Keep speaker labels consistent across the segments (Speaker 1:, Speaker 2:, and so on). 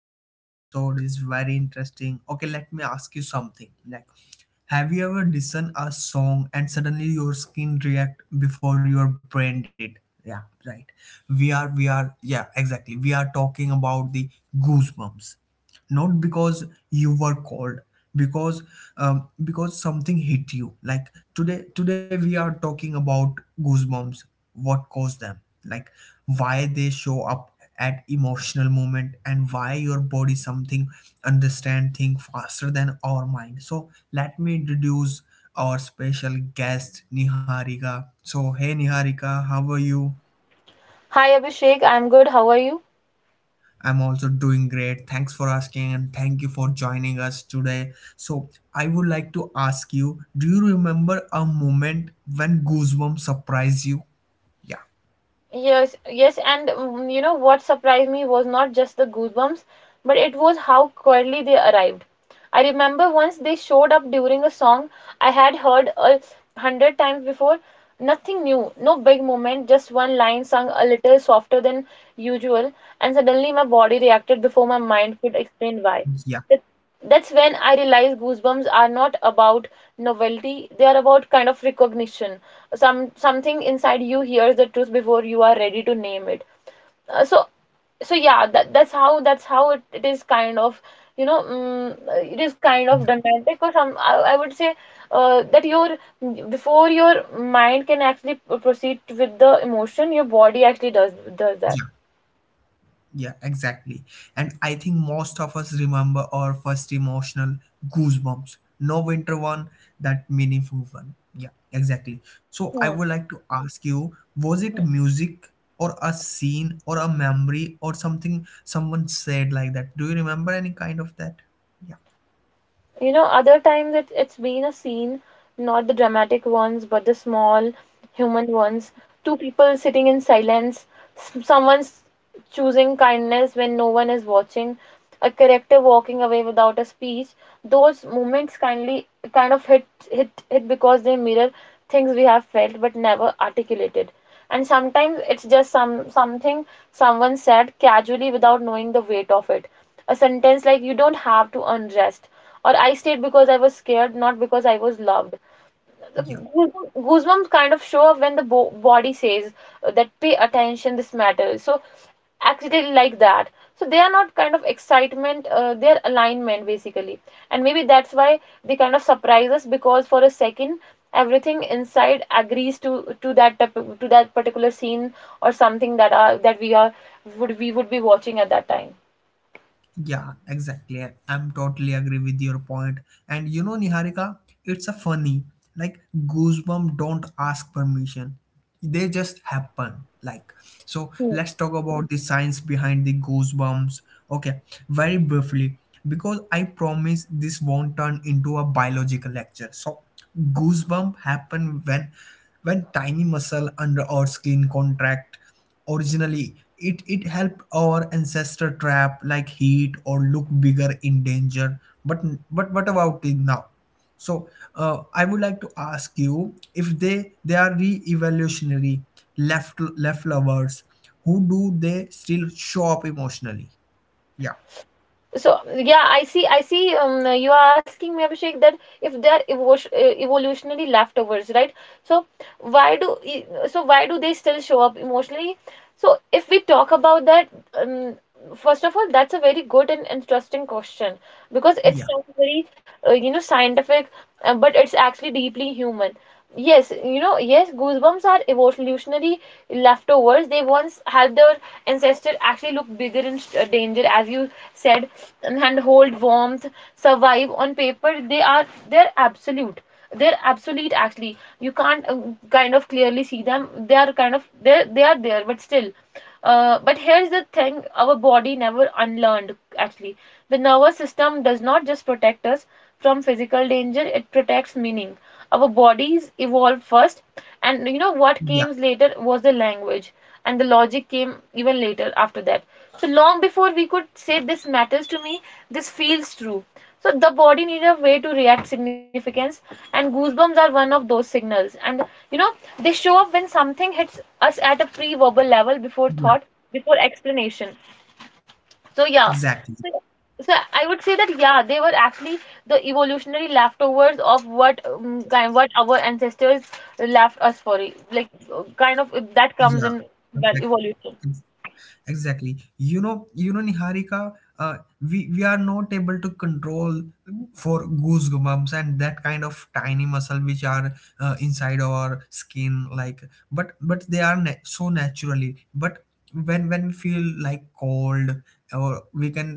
Speaker 1: and today episode is very interesting. Okay, let me ask you something. Have you ever listened a song and suddenly your skin react before your brain did? Yeah, right. We are yeah, exactly. We are talking about the goosebumps, not because you were called, because because something hit you. Today we are talking about goosebumps, what caused them, like why they show up at emotional moment, and why your body something understand thing faster than our mind. So let me introduce our special guest Niharika. So hey Niharika, how are you?
Speaker 2: Hi Abhishek, I'm good. How are you?
Speaker 1: I'm also doing great. Thanks for asking and thank you for joining us today. So, I would like to ask you, do you remember a moment when goosebumps surprised you? Yeah,
Speaker 2: Yes, yes, and you know what surprised me was not just the goosebumps, but it was how quietly they arrived. I remember once they showed up during a song I had heard a hundred times before. Nothing new, no big moment, just one line sung a little softer than usual, and suddenly my body reacted before my mind could explain why.
Speaker 1: yeah,
Speaker 2: That's when I realize goosebumps are not about novelty. They are about kind of recognition. Something inside you hears the truth before you are ready to name it. Uh, so so yeah, that's how it is kind of you know it is kind of
Speaker 1: yeah,
Speaker 2: dramatic or some I would say that your before your mind can actually proceed with the emotion, your body actually does
Speaker 1: yeah.
Speaker 2: that.
Speaker 1: Yeah, exactly. And I think most of us remember our first emotional goosebumps. No winter one, that meaningful one. Yeah, exactly. So I
Speaker 2: Hmm.
Speaker 1: would like to ask you, was it music or a scene or a memory or something someone said like that? Do you remember any kind of that? Yeah,
Speaker 2: You know, other times it's been a scene, not the dramatic ones, but the small human ones. Two people sitting in silence, someone's choosing kindness when no one is watching, a character walking away without a speech. Those moments kind of hit because they mirror things we have felt but never articulated. And sometimes it's just something someone said casually without knowing the weight of it. A sentence like "You don't have to undress," or "I stayed because I was scared, not because I was loved." The
Speaker 1: yeah.
Speaker 2: goosebumps kind of show up when the body says that pay attention, this matters. So accidentally like that, so they are not kind of excitement, their alignment basically, and maybe that's why they kind of surprise us because for a second everything inside agrees to that, to that particular scene or something that are that we are would we would be watching at that time.
Speaker 1: Yeah, exactly. I'm totally agree with your point. And you know, Niharika, it's a funny, like goosebump don't ask permission. They just happen. So let's talk about the science behind the goosebumps. Okay, very briefly. Because I promise this won't turn into a biological lecture. So goosebump happen when tiny muscle under our skin contract. Originally, it helped our ancestor trap like heat or look bigger in danger. But what about it now? So I would like to ask you, if they are re-evolutionary left lovers, who do they still show up emotionally? Yeah,
Speaker 2: So yeah, I see. I see. You are asking me, Abhishek, that if they are evolutionary leftovers, right? So why do e- so why do they still show up emotionally? So if we talk about that, um, first of all, that's a very good and interesting question because it
Speaker 1: yeah,
Speaker 2: sounds very you know scientific, but it's actually deeply human. Yes, you know, yes, goosebumps are evolutionary leftovers. They once helped their ancestor actually look bigger in danger, as you said, and hold warmth, survive. On paper they are they're absolute they're obsolete actually. You can't kind of clearly see them. They are kind of, they are there, but still, but here's the thing: our body never unlearned actually. The nervous system does not just protect us from physical danger, it protects meaning. Our bodies evolved first, and you know what
Speaker 1: yeah,
Speaker 2: came later was the language, and the logic came even later after that. So long before we could say this matters to me, this feels true, so the body needs a way to react significance, and goosebumps are one of those signals. And you know, they show up when something hits us at a pre-verbal level, before
Speaker 1: yeah.
Speaker 2: thought, before explanation. So yeah.
Speaker 1: Exactly.
Speaker 2: So so I would say that yeah, they were actually the evolutionary leftovers of what, kind what our ancestors left us for, like kind of that
Speaker 1: Yeah,
Speaker 2: comes in, well,
Speaker 1: exactly.
Speaker 2: evolution.
Speaker 1: Exactly. You know Niharika, uh, we are not able to control for goosebumps and that kind of tiny muscle which are inside our skin, but they are so naturally. But when we feel like cold, or we can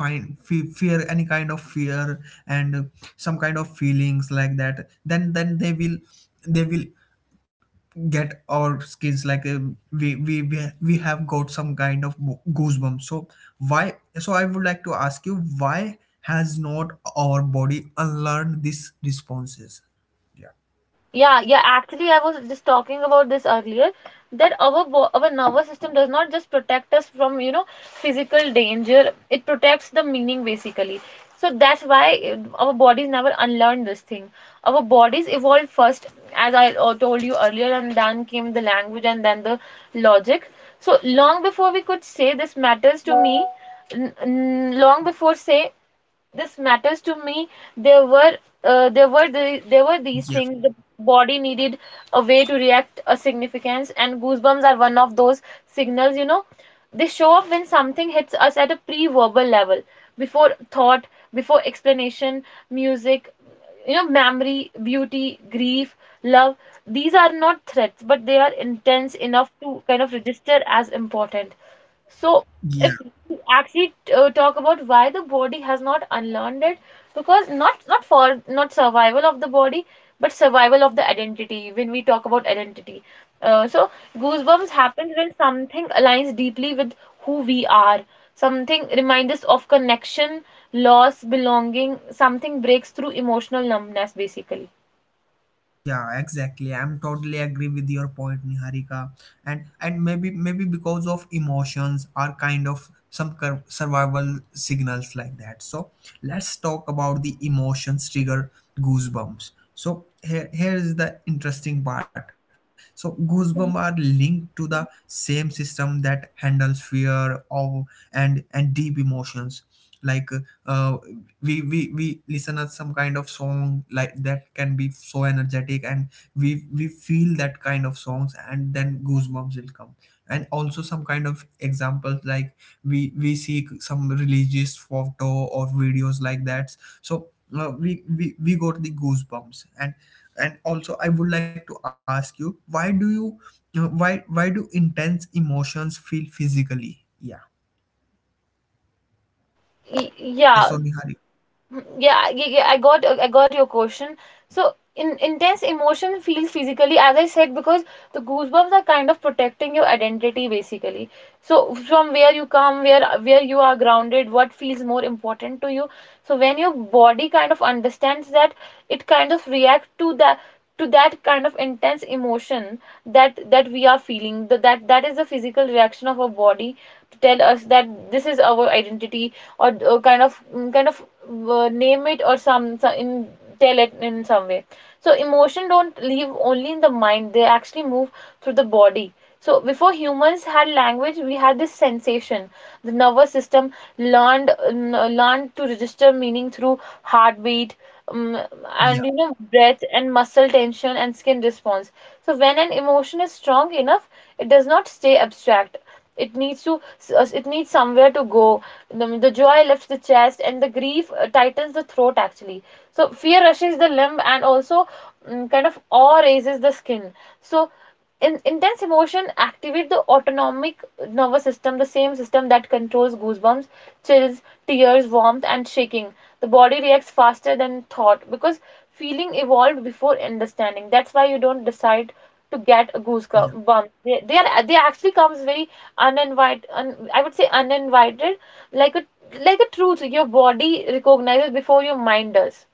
Speaker 1: find fear, any kind of fear, and some kind of feelings like that, then they will get our skins like we have got some kind of goosebumps. So why, so I would like to ask you, why has not our body unlearned these responses?
Speaker 2: Yeah, yeah. Actually, I was just talking about this earlier, that our bo our nervous system does not just protect us from, you know, physical danger. It protects the meaning basically. So that's why our bodies never unlearn this thing. Our bodies evolved first, as I told you earlier, and then came the language and then the logic. So long before we could say this matters to me, long before say this matters to me, there were there were these
Speaker 1: Yeah,
Speaker 2: things the body needed, a way to react a significance, and goosebumps are one of those signals, you know. They show up when something hits us at a pre-verbal level, before thought, before explanation. Music, you know, memory, beauty, grief, love, these are not threats, but they are intense enough to kind of register as important. So,
Speaker 1: yeah,
Speaker 2: if we actually talk about why the body has not unlearned it, because not survival of the body, but survival of the identity. When we talk about identity, so goosebumps happens when something aligns deeply with who we are. Something reminds us of connection, loss, belonging. Something breaks through emotional numbness, basically.
Speaker 1: yeah, exactly. I'm totally agree with your point, Niharika. And maybe maybe because of emotions are kind of some survival signals like that. So let's talk about the emotions trigger goosebumps. So here, here is the interesting part. So goosebumps are linked to the same system that handles fear, awe, and deep emotions. like uh, we listen at some kind of song like that, can be so energetic, and we feel that kind of songs and then goosebumps will come. And also some kind of examples, like we see some religious photo or videos like that. So we got the goosebumps. And also I would like to ask you, why do you why do intense emotions feel physically? Yeah. Yeah,
Speaker 2: Yeah.
Speaker 1: so Hari.
Speaker 2: Yeah, yeah, yeah, I got your question. So in intense emotion feels physically, as I said, because the goosebumps are kind of protecting your identity basically. So from where you come, where you are grounded, what feels more important to you. So when your body kind of understands that, it kind of react to that, to that kind of intense emotion that that we are feeling. That is the physical reaction of our body to tell us that this is our identity, or kind of name it, or some in, tell it in some way. So emotion don't live only in the mind, they actually move through the body. So before humans had language, we had this sensation. The nervous system learned learned to register meaning through heartbeat, um, and you
Speaker 1: Yeah,
Speaker 2: know, breath and muscle tension and skin response. So when an emotion is strong enough, it does not stay abstract, it needs to, it needs somewhere to go. Joy lifts the chest, and the grief tightens the throat actually. So fear rushes the limb, and also kind of awe raises the skin. So intense emotion activate the autonomic nervous system, the same system that controls goosebumps, chills, tears, warmth, and shaking. The body reacts faster than thought because feeling evolved before understanding. That's why you don't decide to get a
Speaker 1: yeah.
Speaker 2: goosebump. They are they actually comes very uninvited. I would say uninvited, like a, like a truth. Your body recognizes before your mind does.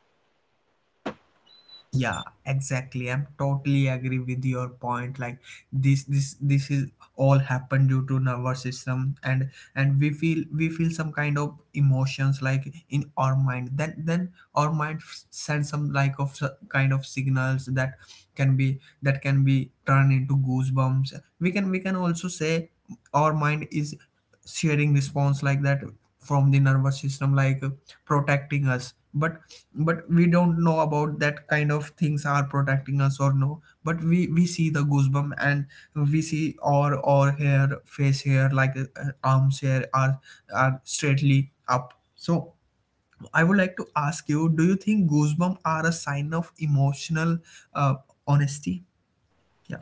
Speaker 1: Yeah, exactly. I'm totally agree with your point. This is all happened due to nervous system. And we feel some kind of emotions like in our mind. Then our mind sends some like of kind of signals that can be turned into goosebumps. We can also say our mind is sharing response like that from the nervous system, like protecting us. But we don't know about that kind of things are protecting us or no, but we see the goosebump, and we see our hair, face hair, like arms hair are straightly up. So I would like to ask you, do you think goosebump are a sign of emotional uh, honesty? yeah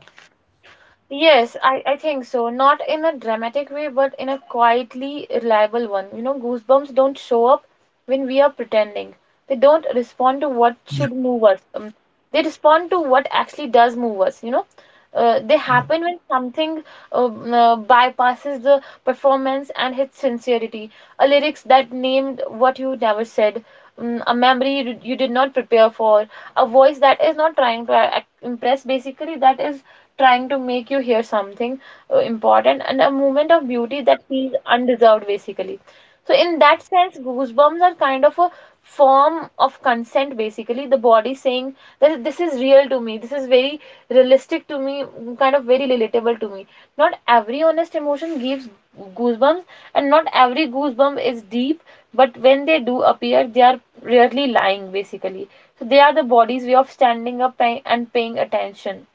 Speaker 2: Yes, I think so. Not in a dramatic way, but in a quietly reliable one. You know, goosebumps don't show up when we are pretending. They don't respond to what
Speaker 1: yeah
Speaker 2: should move us. They respond to what actually does move us, you know. They
Speaker 1: yeah
Speaker 2: happen when something bypasses the performance and hits sincerity. A lyrics that named what you never said, a memory you did not prepare for, a voice that is not trying to impress, basically, that is trying to make you hear something important, and a moment of beauty that feels undeserved basically. So in that sense, goosebumps are kind of a form of consent, basically, the body saying that this is real to me, this is very realistic to me, kind of very relatable to me. Not every honest emotion gives goosebumps, and not every goosebump is deep, but when they do appear, they are rarely lying basically. So they are the body's way of standing up, pay- and paying attention.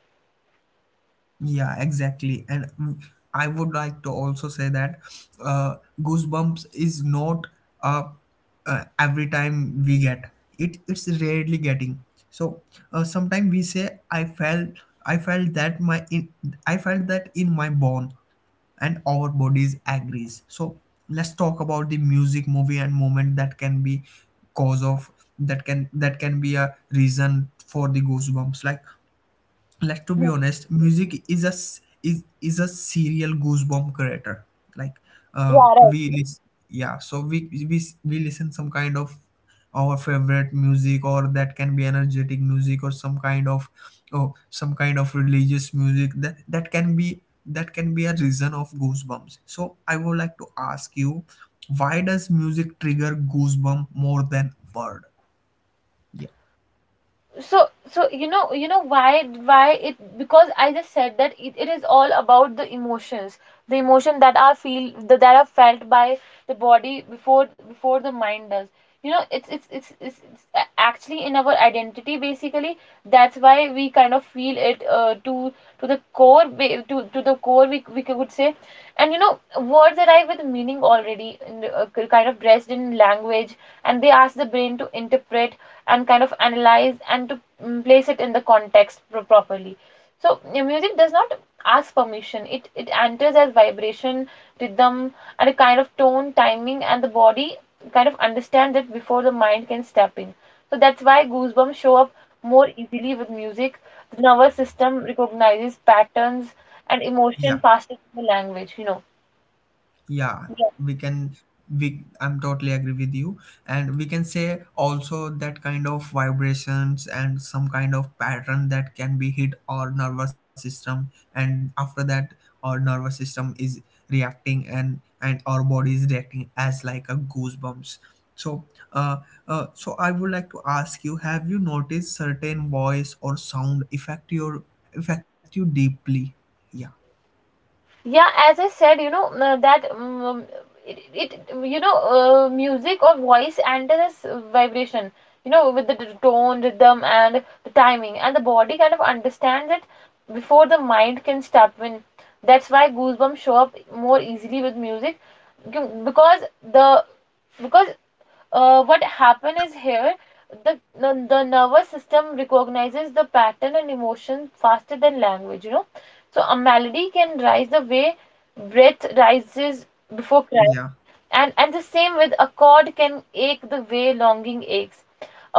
Speaker 1: Yeah, exactly. And I would like to also say that uh, goosebumps is not uh, every time we get it. It's rarely getting. So sometimes we say, "I felt, I felt that my, in, I felt that in my bone," and our bodies agrees. So let's talk about the music, movie, and moment that can be cause of that can be a reason for the goosebumps. Let's to be honest, music is a is a serial goosebump creator. like
Speaker 2: Yeah,
Speaker 1: um
Speaker 2: right.
Speaker 1: we lis- yeah, so we listen some kind of our favorite music, or that can be energetic music, or some kind of, oh, some kind of religious music, that that can be a reason of goosebumps. So I would like to ask you, why does music trigger goosebump more than word? Yeah.
Speaker 2: So you know, why it? Because I just said that it is all about the emotions, the emotion that are feel, that are felt by the body before the mind does. You know, it's actually in our identity basically. That's why we kind of feel it to the core, to the core we could say. And you know, words arrive with meaning already, kind of dressed in language, and they ask the brain to interpret and kind of analyze and to place it in the context properly. So yeah, music does not ask permission. It enters as vibration, rhythm, and a kind of tone, timing, and the body kind of understand it before the mind can step in. So that's why goosebumps show up more easily with music. The nervous system recognizes patterns and
Speaker 1: Yeah.
Speaker 2: emotion faster than the language. You know.
Speaker 1: Yeah, we can we I'm totally agree with you. And we can say also that kind of vibrations and some kind of pattern that can be hit our nervous system, and after that our nervous system is reacting, and our body is reacting as like a goosebumps. So uh, so I would like to ask you, have you noticed certain voice or sound affect your affect you deeply? Yeah.
Speaker 2: Yeah, as I said, you know, that it, it, you know, music or voice enters vibration, you know, with the tone, rhythm, and the timing, and the body kind of understands it before the mind can step in. That's why goosebumps show up more easily with music, c- because the because what happen
Speaker 1: Yeah.
Speaker 2: is here the nervous system recognizes the pattern and emotion faster than language. So a melody can rise the way breath rises before crying,
Speaker 1: Yeah.
Speaker 2: and the same with a chord can ache the way longing aches.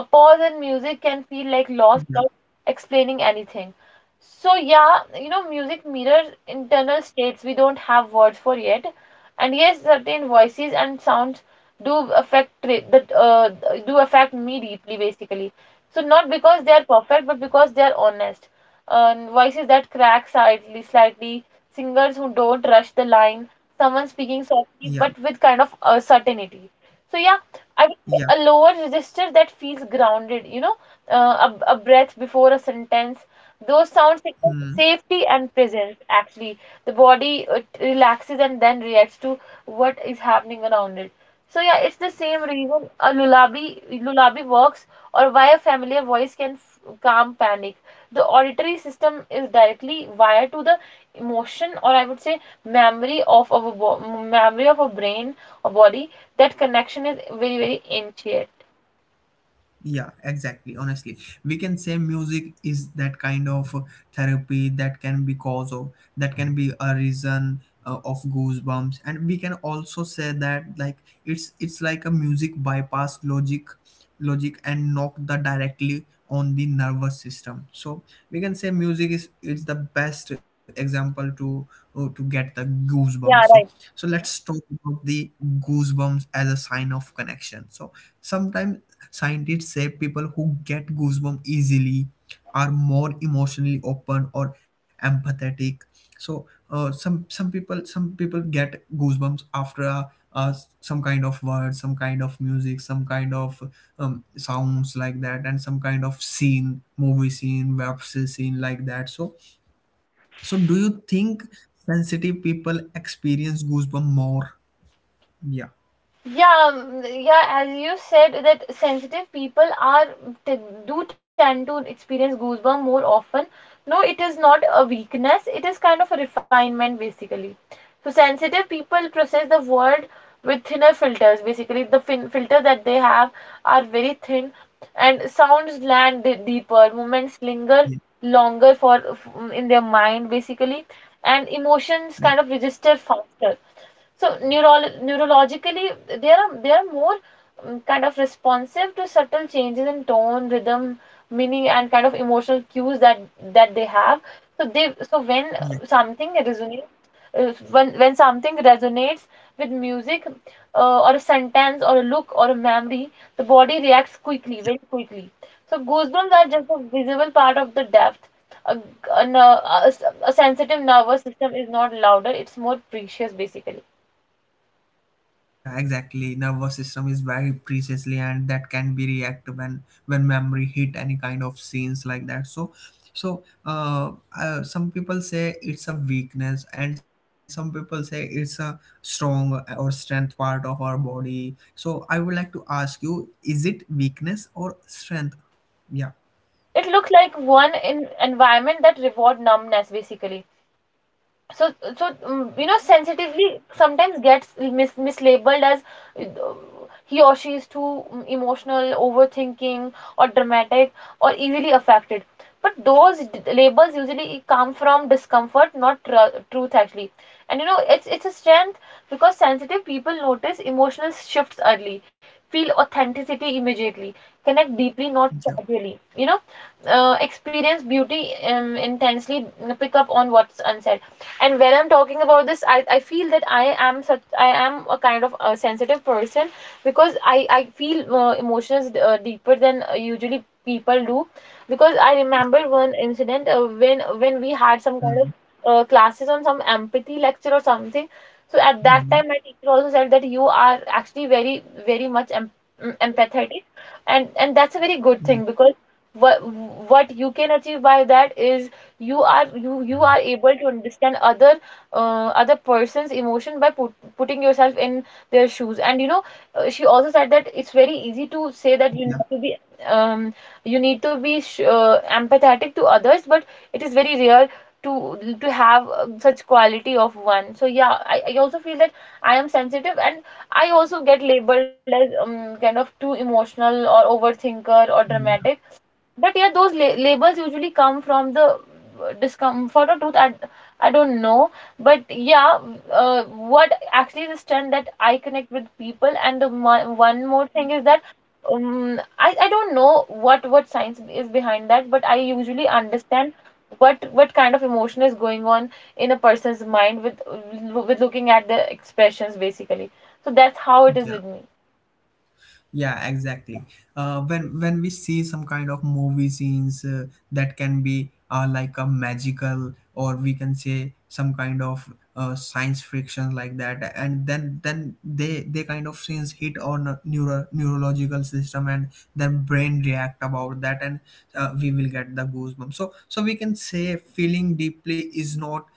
Speaker 2: A pause in music can feel like loss without
Speaker 1: Yeah.
Speaker 2: explaining anything. So yeah, music mirrors internal states we don't have words for yet. And yes, certain voices and sounds do affect that do affect me deeply basically. So not because they are perfect, but because they are honest. Voices that crack slightly, singers who don't rush the line, someone speaking
Speaker 1: Yeah.
Speaker 2: softly but with kind of certainty. So yeah, I would say
Speaker 1: Yeah.
Speaker 2: a lower register that feels grounded, a breath before a sentence. Those sound signal
Speaker 1: Hmm.
Speaker 2: safety and presence actually. The body relaxes and then reacts to what is happening around it. So yeah, it's the same reason a lullaby works, or why a familiar voice can f calm panic. The auditory system is directly wired to the emotion, or I would say memory of our bo memory of a brain or body. That connection is very, very intricate.
Speaker 1: Yeah, exactly, honestly, we can say music is that kind of therapy that can be cause of, that can be a reason of goosebumps. And we can also say that, like, it's like a music bypass logic, and knock the directly on the nervous system. So we can say music is it's the best example to get the goosebumps. So
Speaker 2: Yeah, right.
Speaker 1: so let's talk about the goosebumps as a sign of connection. So sometimes scientists say people who get goosebumps easily are more emotionally open or empathetic. So some people, some people get goosebumps after a some kind of word, some kind of music, some kind of sounds like that, and some kind of scene, movie scene, web series scene like that. So so do you think sensitive people experience goosebumps more? Yeah.
Speaker 2: Yeah, mm, yeah, as you said, that sensitive people are t do tend to experience goosebumps more often. No, it is not a weakness, it is kind of a refinement basically. So sensitive people process the world with thinner filters. Basically, the fin filters that they have are very thin, and sounds land deeper. Moments linger
Speaker 1: Yeah.
Speaker 2: longer for in their mind basically, and emotions kind
Speaker 1: Yeah.
Speaker 2: of register faster. So neurologically they are more kind of responsive to subtle changes in tone, rhythm, meaning, and kind of emotional cues that they have. So they so when
Speaker 1: Yeah.
Speaker 2: something resonates, when something resonates with music or a sentence or a look or a memory, the body reacts quickly, very quickly. So goosebumps are just a visible part of the depth. a, a, ner- a, a sensitive nervous system is not louder, it's more precious basically.
Speaker 1: Yeah, exactly. Nervous system is very precisely, and that can be reactive when memory hit any kind of scenes like that. So, so some people say it's a weakness, and some people say it's a strong or strength part of our body. So, I would like to ask you: is it weakness or strength? Yeah,
Speaker 2: It looked like one in environment that reward numbness basically. So
Speaker 1: yeah,
Speaker 2: you know, sensitively sometimes gets mislabeled as uh, he or she is too emotional, overthinking or dramatic or easily affected. But those labels usually come from discomfort, not truth actually. And you know, it's a strength because sensitive people notice emotional shifts early, feel authenticity immediately, connect deeply not
Speaker 1: yeah.
Speaker 2: casually, you know, experience beauty intensely, pick up on what's unsaid. And when I'm talking about this, I feel that I am a kind of a sensitive person because I feel emotions deeper than usually people do. Because I remember one incident when we had some
Speaker 1: Mm,
Speaker 2: kind of classes on some empathy lecture or something. So at
Speaker 1: mm,
Speaker 2: that time, my teacher also said that you are actually very, very much empathetic, and that's a very
Speaker 1: mm.
Speaker 2: good thing. Because what what you can achieve by that is you are able to understand other person's emotion by putting yourself in their shoes. And you know, she also said that it's very easy to say that
Speaker 1: Yeah,
Speaker 2: you need to be um you need to be sh empathetic to others, but it is very rare to have such quality of one. So yeah, I also feel that I am sensitive, and I also get labeled as kind of too emotional or overthinker or dramatic.
Speaker 1: yeah,
Speaker 2: But yeah, those labels usually come from the discomfort or truth. I don't know. But yeah, what actually is the strength that I connect with people. And the one more thing is that I don't know what science is behind that, but I usually understand what kind of emotion is going on in a person's mind with looking at the expressions basically. So that's how it
Speaker 1: yeah.
Speaker 2: is with me.
Speaker 1: Yeah, exactly. When we see some kind of movie scenes that can be like a magical, or we can say some kind of science fiction like that, and then they kind of scenes hit on neurological system, and then brain react about that, and we will get the goosebumps. So so we can say feeling deeply is not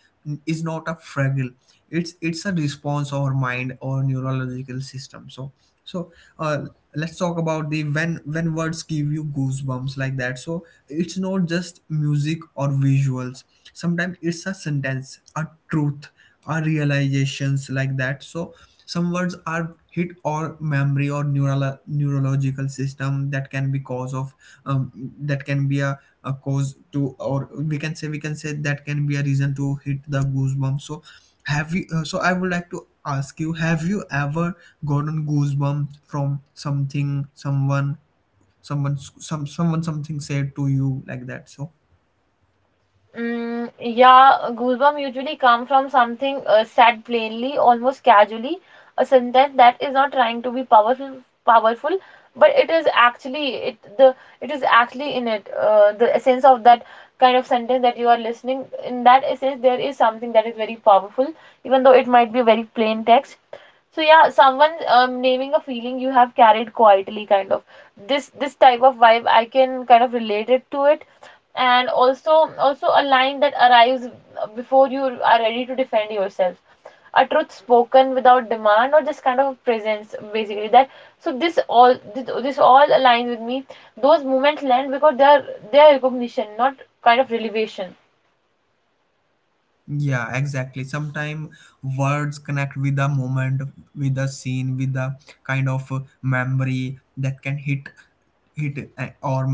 Speaker 1: a fragile. It's a response or mind or neurological system. So so uh, let's talk about the when words give you goosebumps like that. So it's not just music or visuals, sometimes it's a sentence, a truth, a realizations like that. So some words are hit or memory or neural neurological system that can be cause of um, that can be a cause to, or we can say that can be a reason to hit the goosebumps. So have you so I would like to ask you, have you ever gotten goosebumps from something someone someone something said to you like that? So
Speaker 2: Mm, yeah, goosebumps usually come from something said plainly, almost casually, a sentence that is not trying to be powerful, but it is actually it the it is actually in it the essence of that kind of sentence that you are listening. In that essence, there is something that is very powerful, even though it might be very plain text. So yeah, someone naming a feeling you have carried quietly, kind of. This type of vibe, I can kind of relate it to it. And also a line that arrives before you are ready to defend yourself, a truth spoken without demand or just kind of presence basically. That so This all aligns with me. Those moments land because they are recognition, not kind of revelation.
Speaker 1: Yeah, exactly. Sometimes words connect with a moment, with a scene, with a kind of memory that can hit our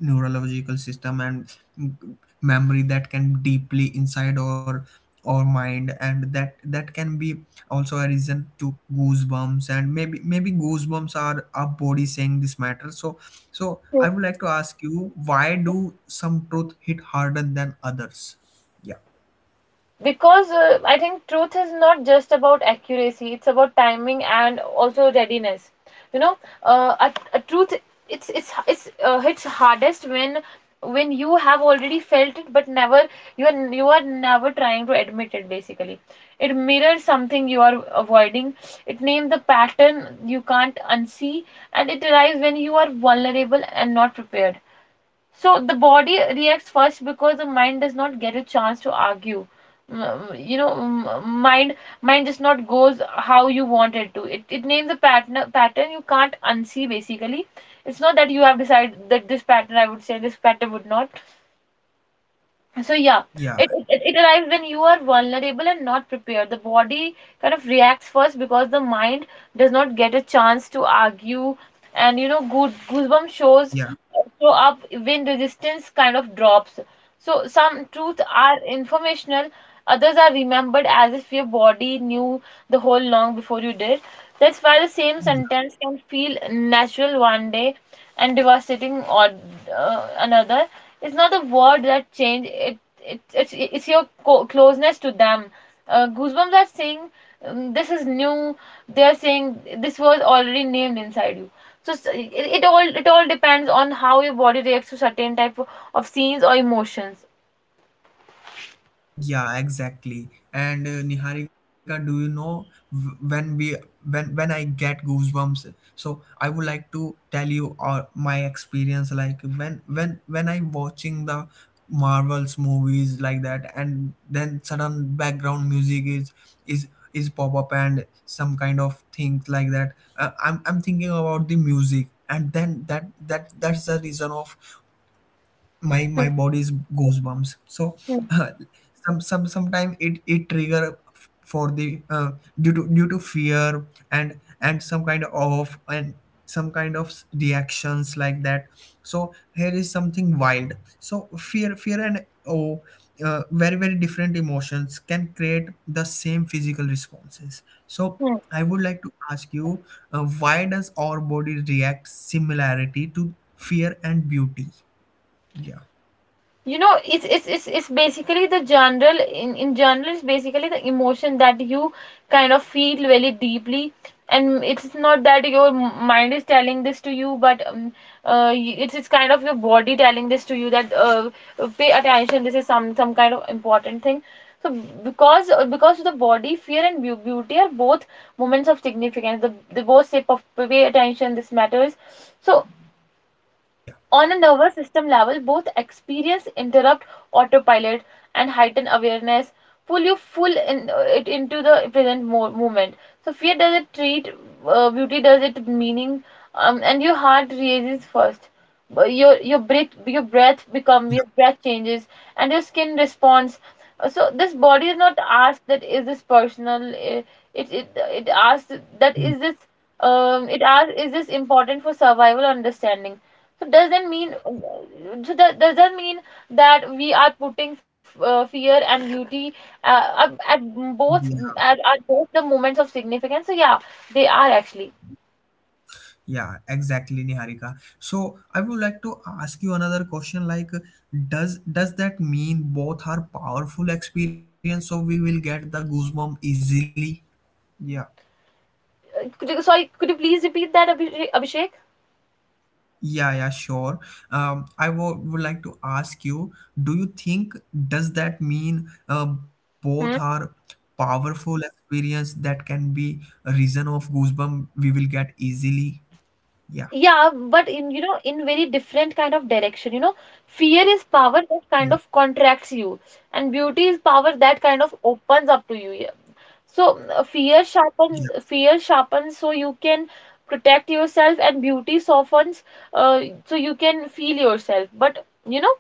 Speaker 1: neurological system, and mm, memory that can deeply inside our mind, and that that can be also a reason to goosebumps. And maybe maybe goosebumps are our body saying this matter. So so I would like to ask you, why do some truth hit harder than others? yeah
Speaker 2: Because I think truth is not just about accuracy, it's about timing and also readiness. You know, a truth it's hits hardest when you have already felt it, but never you are never trying to admit it basically. It mirrors something you are avoiding, it names the pattern you can't unsee, and it arrives when you are vulnerable and not prepared. So the body reacts first because the mind does not get a chance to argue. You know, mind just not goes how you want it to. It names a pattern you can't unsee basically. It's not that you have decided that this pattern, I would say this pattern would not. So yeah,
Speaker 1: Yeah,
Speaker 2: it arrives when you are vulnerable and not prepared. The body kind of reacts first because the mind does not get a chance to argue. And you know, good goosebump
Speaker 1: yeah,
Speaker 2: show up when resistance kind of drops. So some truths are informational, others are remembered as if your body knew the whole long before you did. That's why the same
Speaker 1: yeah,
Speaker 2: sentence can feel natural one day and devastating or another. It's not the word that change. It's your closeness to them. Goosebumps are saying this is new. They are saying this was already named inside you. So it all depends on how your body reacts to certain of scenes or emotions.
Speaker 1: yeah, exactly. And Niharika, do you know when we, when I get goosebumps? So I would like to tell you my experience. Like when when I'm watching the Marvels movies like that, and then sudden background music is is pop up and some kind of things like that. I'm thinking about the music, and then that that's the reason of my my
Speaker 2: Hmm.
Speaker 1: body's goosebumps. So
Speaker 2: hmm,
Speaker 1: uh, some sometime it it trigger for the due to due to fear, and some kind of and some kind of reactions like that. So here is something wild. So fear and oh, very very different emotions can create the same physical responses. So
Speaker 2: hmm.
Speaker 1: I would like to ask you, why does our body react similarity to fear and beauty? Yeah.
Speaker 2: You know, it's basically the general, in general, it's basically the emotion that you kind of feel very deeply. And it's not that your mind is telling this to you, but uh, it's kind of your body telling this to you that pay attention, this is some kind of important thing. So because the body, fear and beauty are both moments of significance. The both say, pay attention, this matters. So
Speaker 1: Yeah,
Speaker 2: on a nervous system level, both experience interrupt autopilot and heighten awareness, pull you full in, it into the present moment. So fear does it treat, beauty does it meaning, and your heart raises first. Your breath become
Speaker 1: yeah,
Speaker 2: your breath changes and your skin responds. So this body is not asked that is this personal. It it it asks that
Speaker 1: yeah,
Speaker 2: is this it asks, is this important for survival or understanding? So does not mean, so that does not mean that we are putting fear and beauty up both
Speaker 1: yeah,
Speaker 2: at both the moments of significance? So yeah, they are actually.
Speaker 1: yeah, exactly, Niharika. So I would like to ask you another question, like, does that mean both are powerful experience, so we will get the goosebump easily? Yeah.
Speaker 2: Could you, sorry, could you please repeat that, Abhishek? Abhishek?
Speaker 1: Yeah, yeah, sure. I would like to ask you, do you think, does that mean both
Speaker 2: Hmm?
Speaker 1: are powerful experience that can be a reason of goosebump we will get easily? Yeah,
Speaker 2: Yeah, but in, you know, in very different kind of direction. You know, fear is power that
Speaker 1: yeah,
Speaker 2: kind of contracts you, and beauty is power that kind of opens up to you. So
Speaker 1: yeah,
Speaker 2: fear sharpens so you can protect yourself, and beauty softens so you can feel yourself, but you know,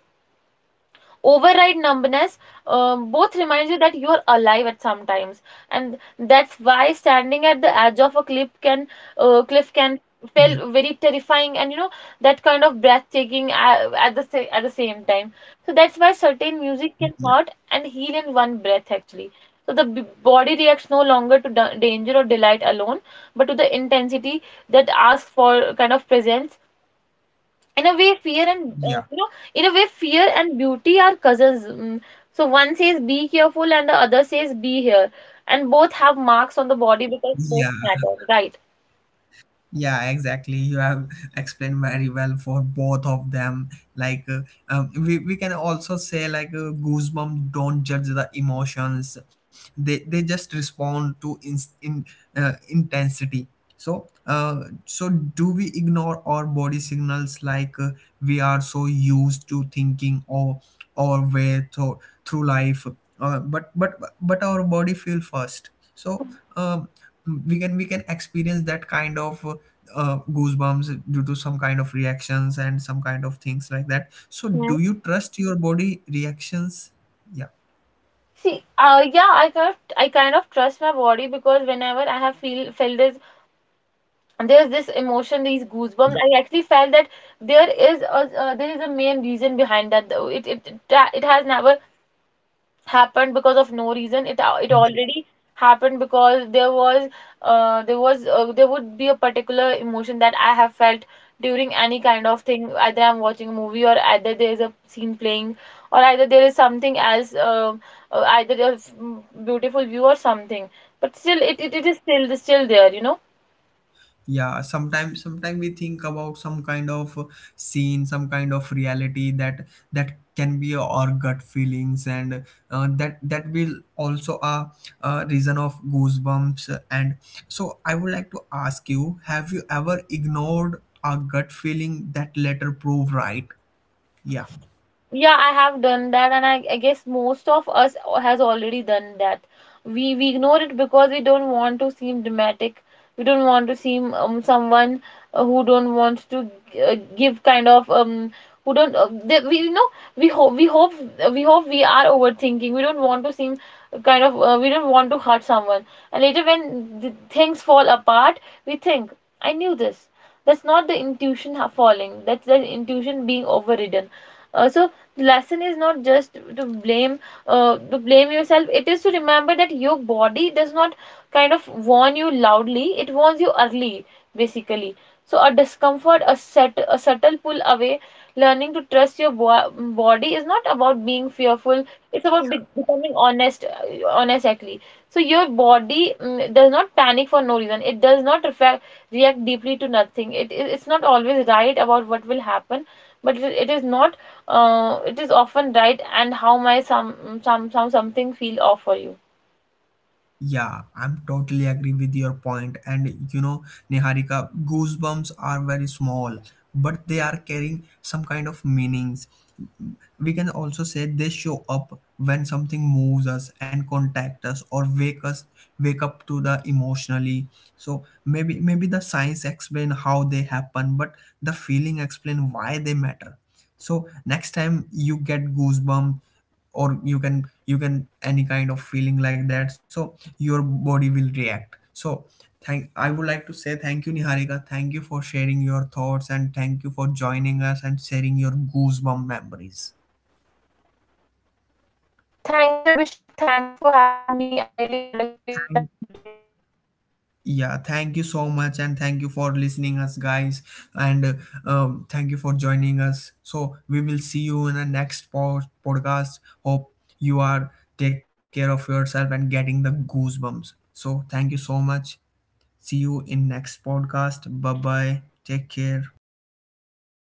Speaker 2: override numbness. Both reminds you that you're alive at some times, and that's why standing at the edge of a cliff can uh, cliff can
Speaker 1: yeah,
Speaker 2: feel very terrifying and you know, that kind of breathtaking at the same time. So that's why certain music
Speaker 1: yeah,
Speaker 2: can hurt and heal in one breath actually. So body reacts no longer to danger or delight alone, but to the intensity that asks for kind of presence. in a way fear and
Speaker 1: yeah.
Speaker 2: uh, you know in a way, fear and beauty are cousins. Mm. So one says be careful and the other says be here, and both have marks on the body because
Speaker 1: Yeah.
Speaker 2: both matter, right?
Speaker 1: Yeah, exactly. You have explained very well for both of them. Like, we can also say, goosebumps don't judge the emotions, they just respond to in intensity. So, so do we ignore our body signals, we are so used to thinking or way through, through life? But but our body feel first. So, um, we can experience that kind of goosebumps due to some kind of reactions and some kind of things like that. So do
Speaker 2: Yeah.
Speaker 1: you trust your body reactions? yeah
Speaker 2: See, yeah, I kind of trust my body because whenever I have feel felt this, there's this emotion, these goosebumps. I actually felt that there is a main reason behind that. Though. It has never happened because of no reason. It
Speaker 1: yeah
Speaker 2: already happened because there was there would be a particular emotion that I have felt during any kind of thing, either I'm watching a movie, or either there is a scene playing, or either there is something else. Either a beautiful view or something. But still it is still there, you know.
Speaker 1: Yeah, sometimes sometimes we think about some kind of scene, some kind of reality, that that can be our gut feelings. And that that will also a reason of goosebumps. And so I would like to ask you, have you ever ignored a gut feeling that later prove right? Yeah.
Speaker 2: Yeah, I have done that, and I guess most of us has already done that. We ignore it because we don't want to seem dramatic. We don't want to seem someone who don't want to give kind of who don't they, we you know we hope we hope we hope we are overthinking. We don't want to seem kind of we don't want to hurt someone. And later, when the things fall apart, we think, I knew this. That's not the intuition falling. That's the intuition being overridden. So the lesson is not just to blame yourself, it is to remember that your body does not kind of warn you loudly, it warns you early basically. So a discomfort, a subtle pull away. Learning to trust your body is not about being fearful, it's about becoming honest, actually. So your body, does not panic for no reason, it does not react deeply to nothing. It's not always right about what will happen, but it is not, it is often right, and how my some something feel off for you.
Speaker 1: Yeah, I'm totally agree with your point. And you know, Niharika, goosebumps are very small, but they are carrying some kind of meanings. We can also say they show up when something moves us and contact us or wake us wake up to the emotionally. So maybe maybe the science explain how they happen, but the feeling explain why they matter. So next time you get goosebump, or you can any kind of feeling like that, so your body will react. So thank I would like to say thank you Niharika, thank you for sharing your thoughts, and thank you for joining us and sharing your goosebump memories.
Speaker 2: Thank you, Abhishek. Thank you for having me. I really had a great time today.
Speaker 1: Thank Yeah, thank you so much, and thank you for listening us guys. And thank you for joining us. So we will see you in the next podcast. Hope you are take care of yourself and getting the goosebumps. So thank you so much, see you in next podcast. Bye bye, take care.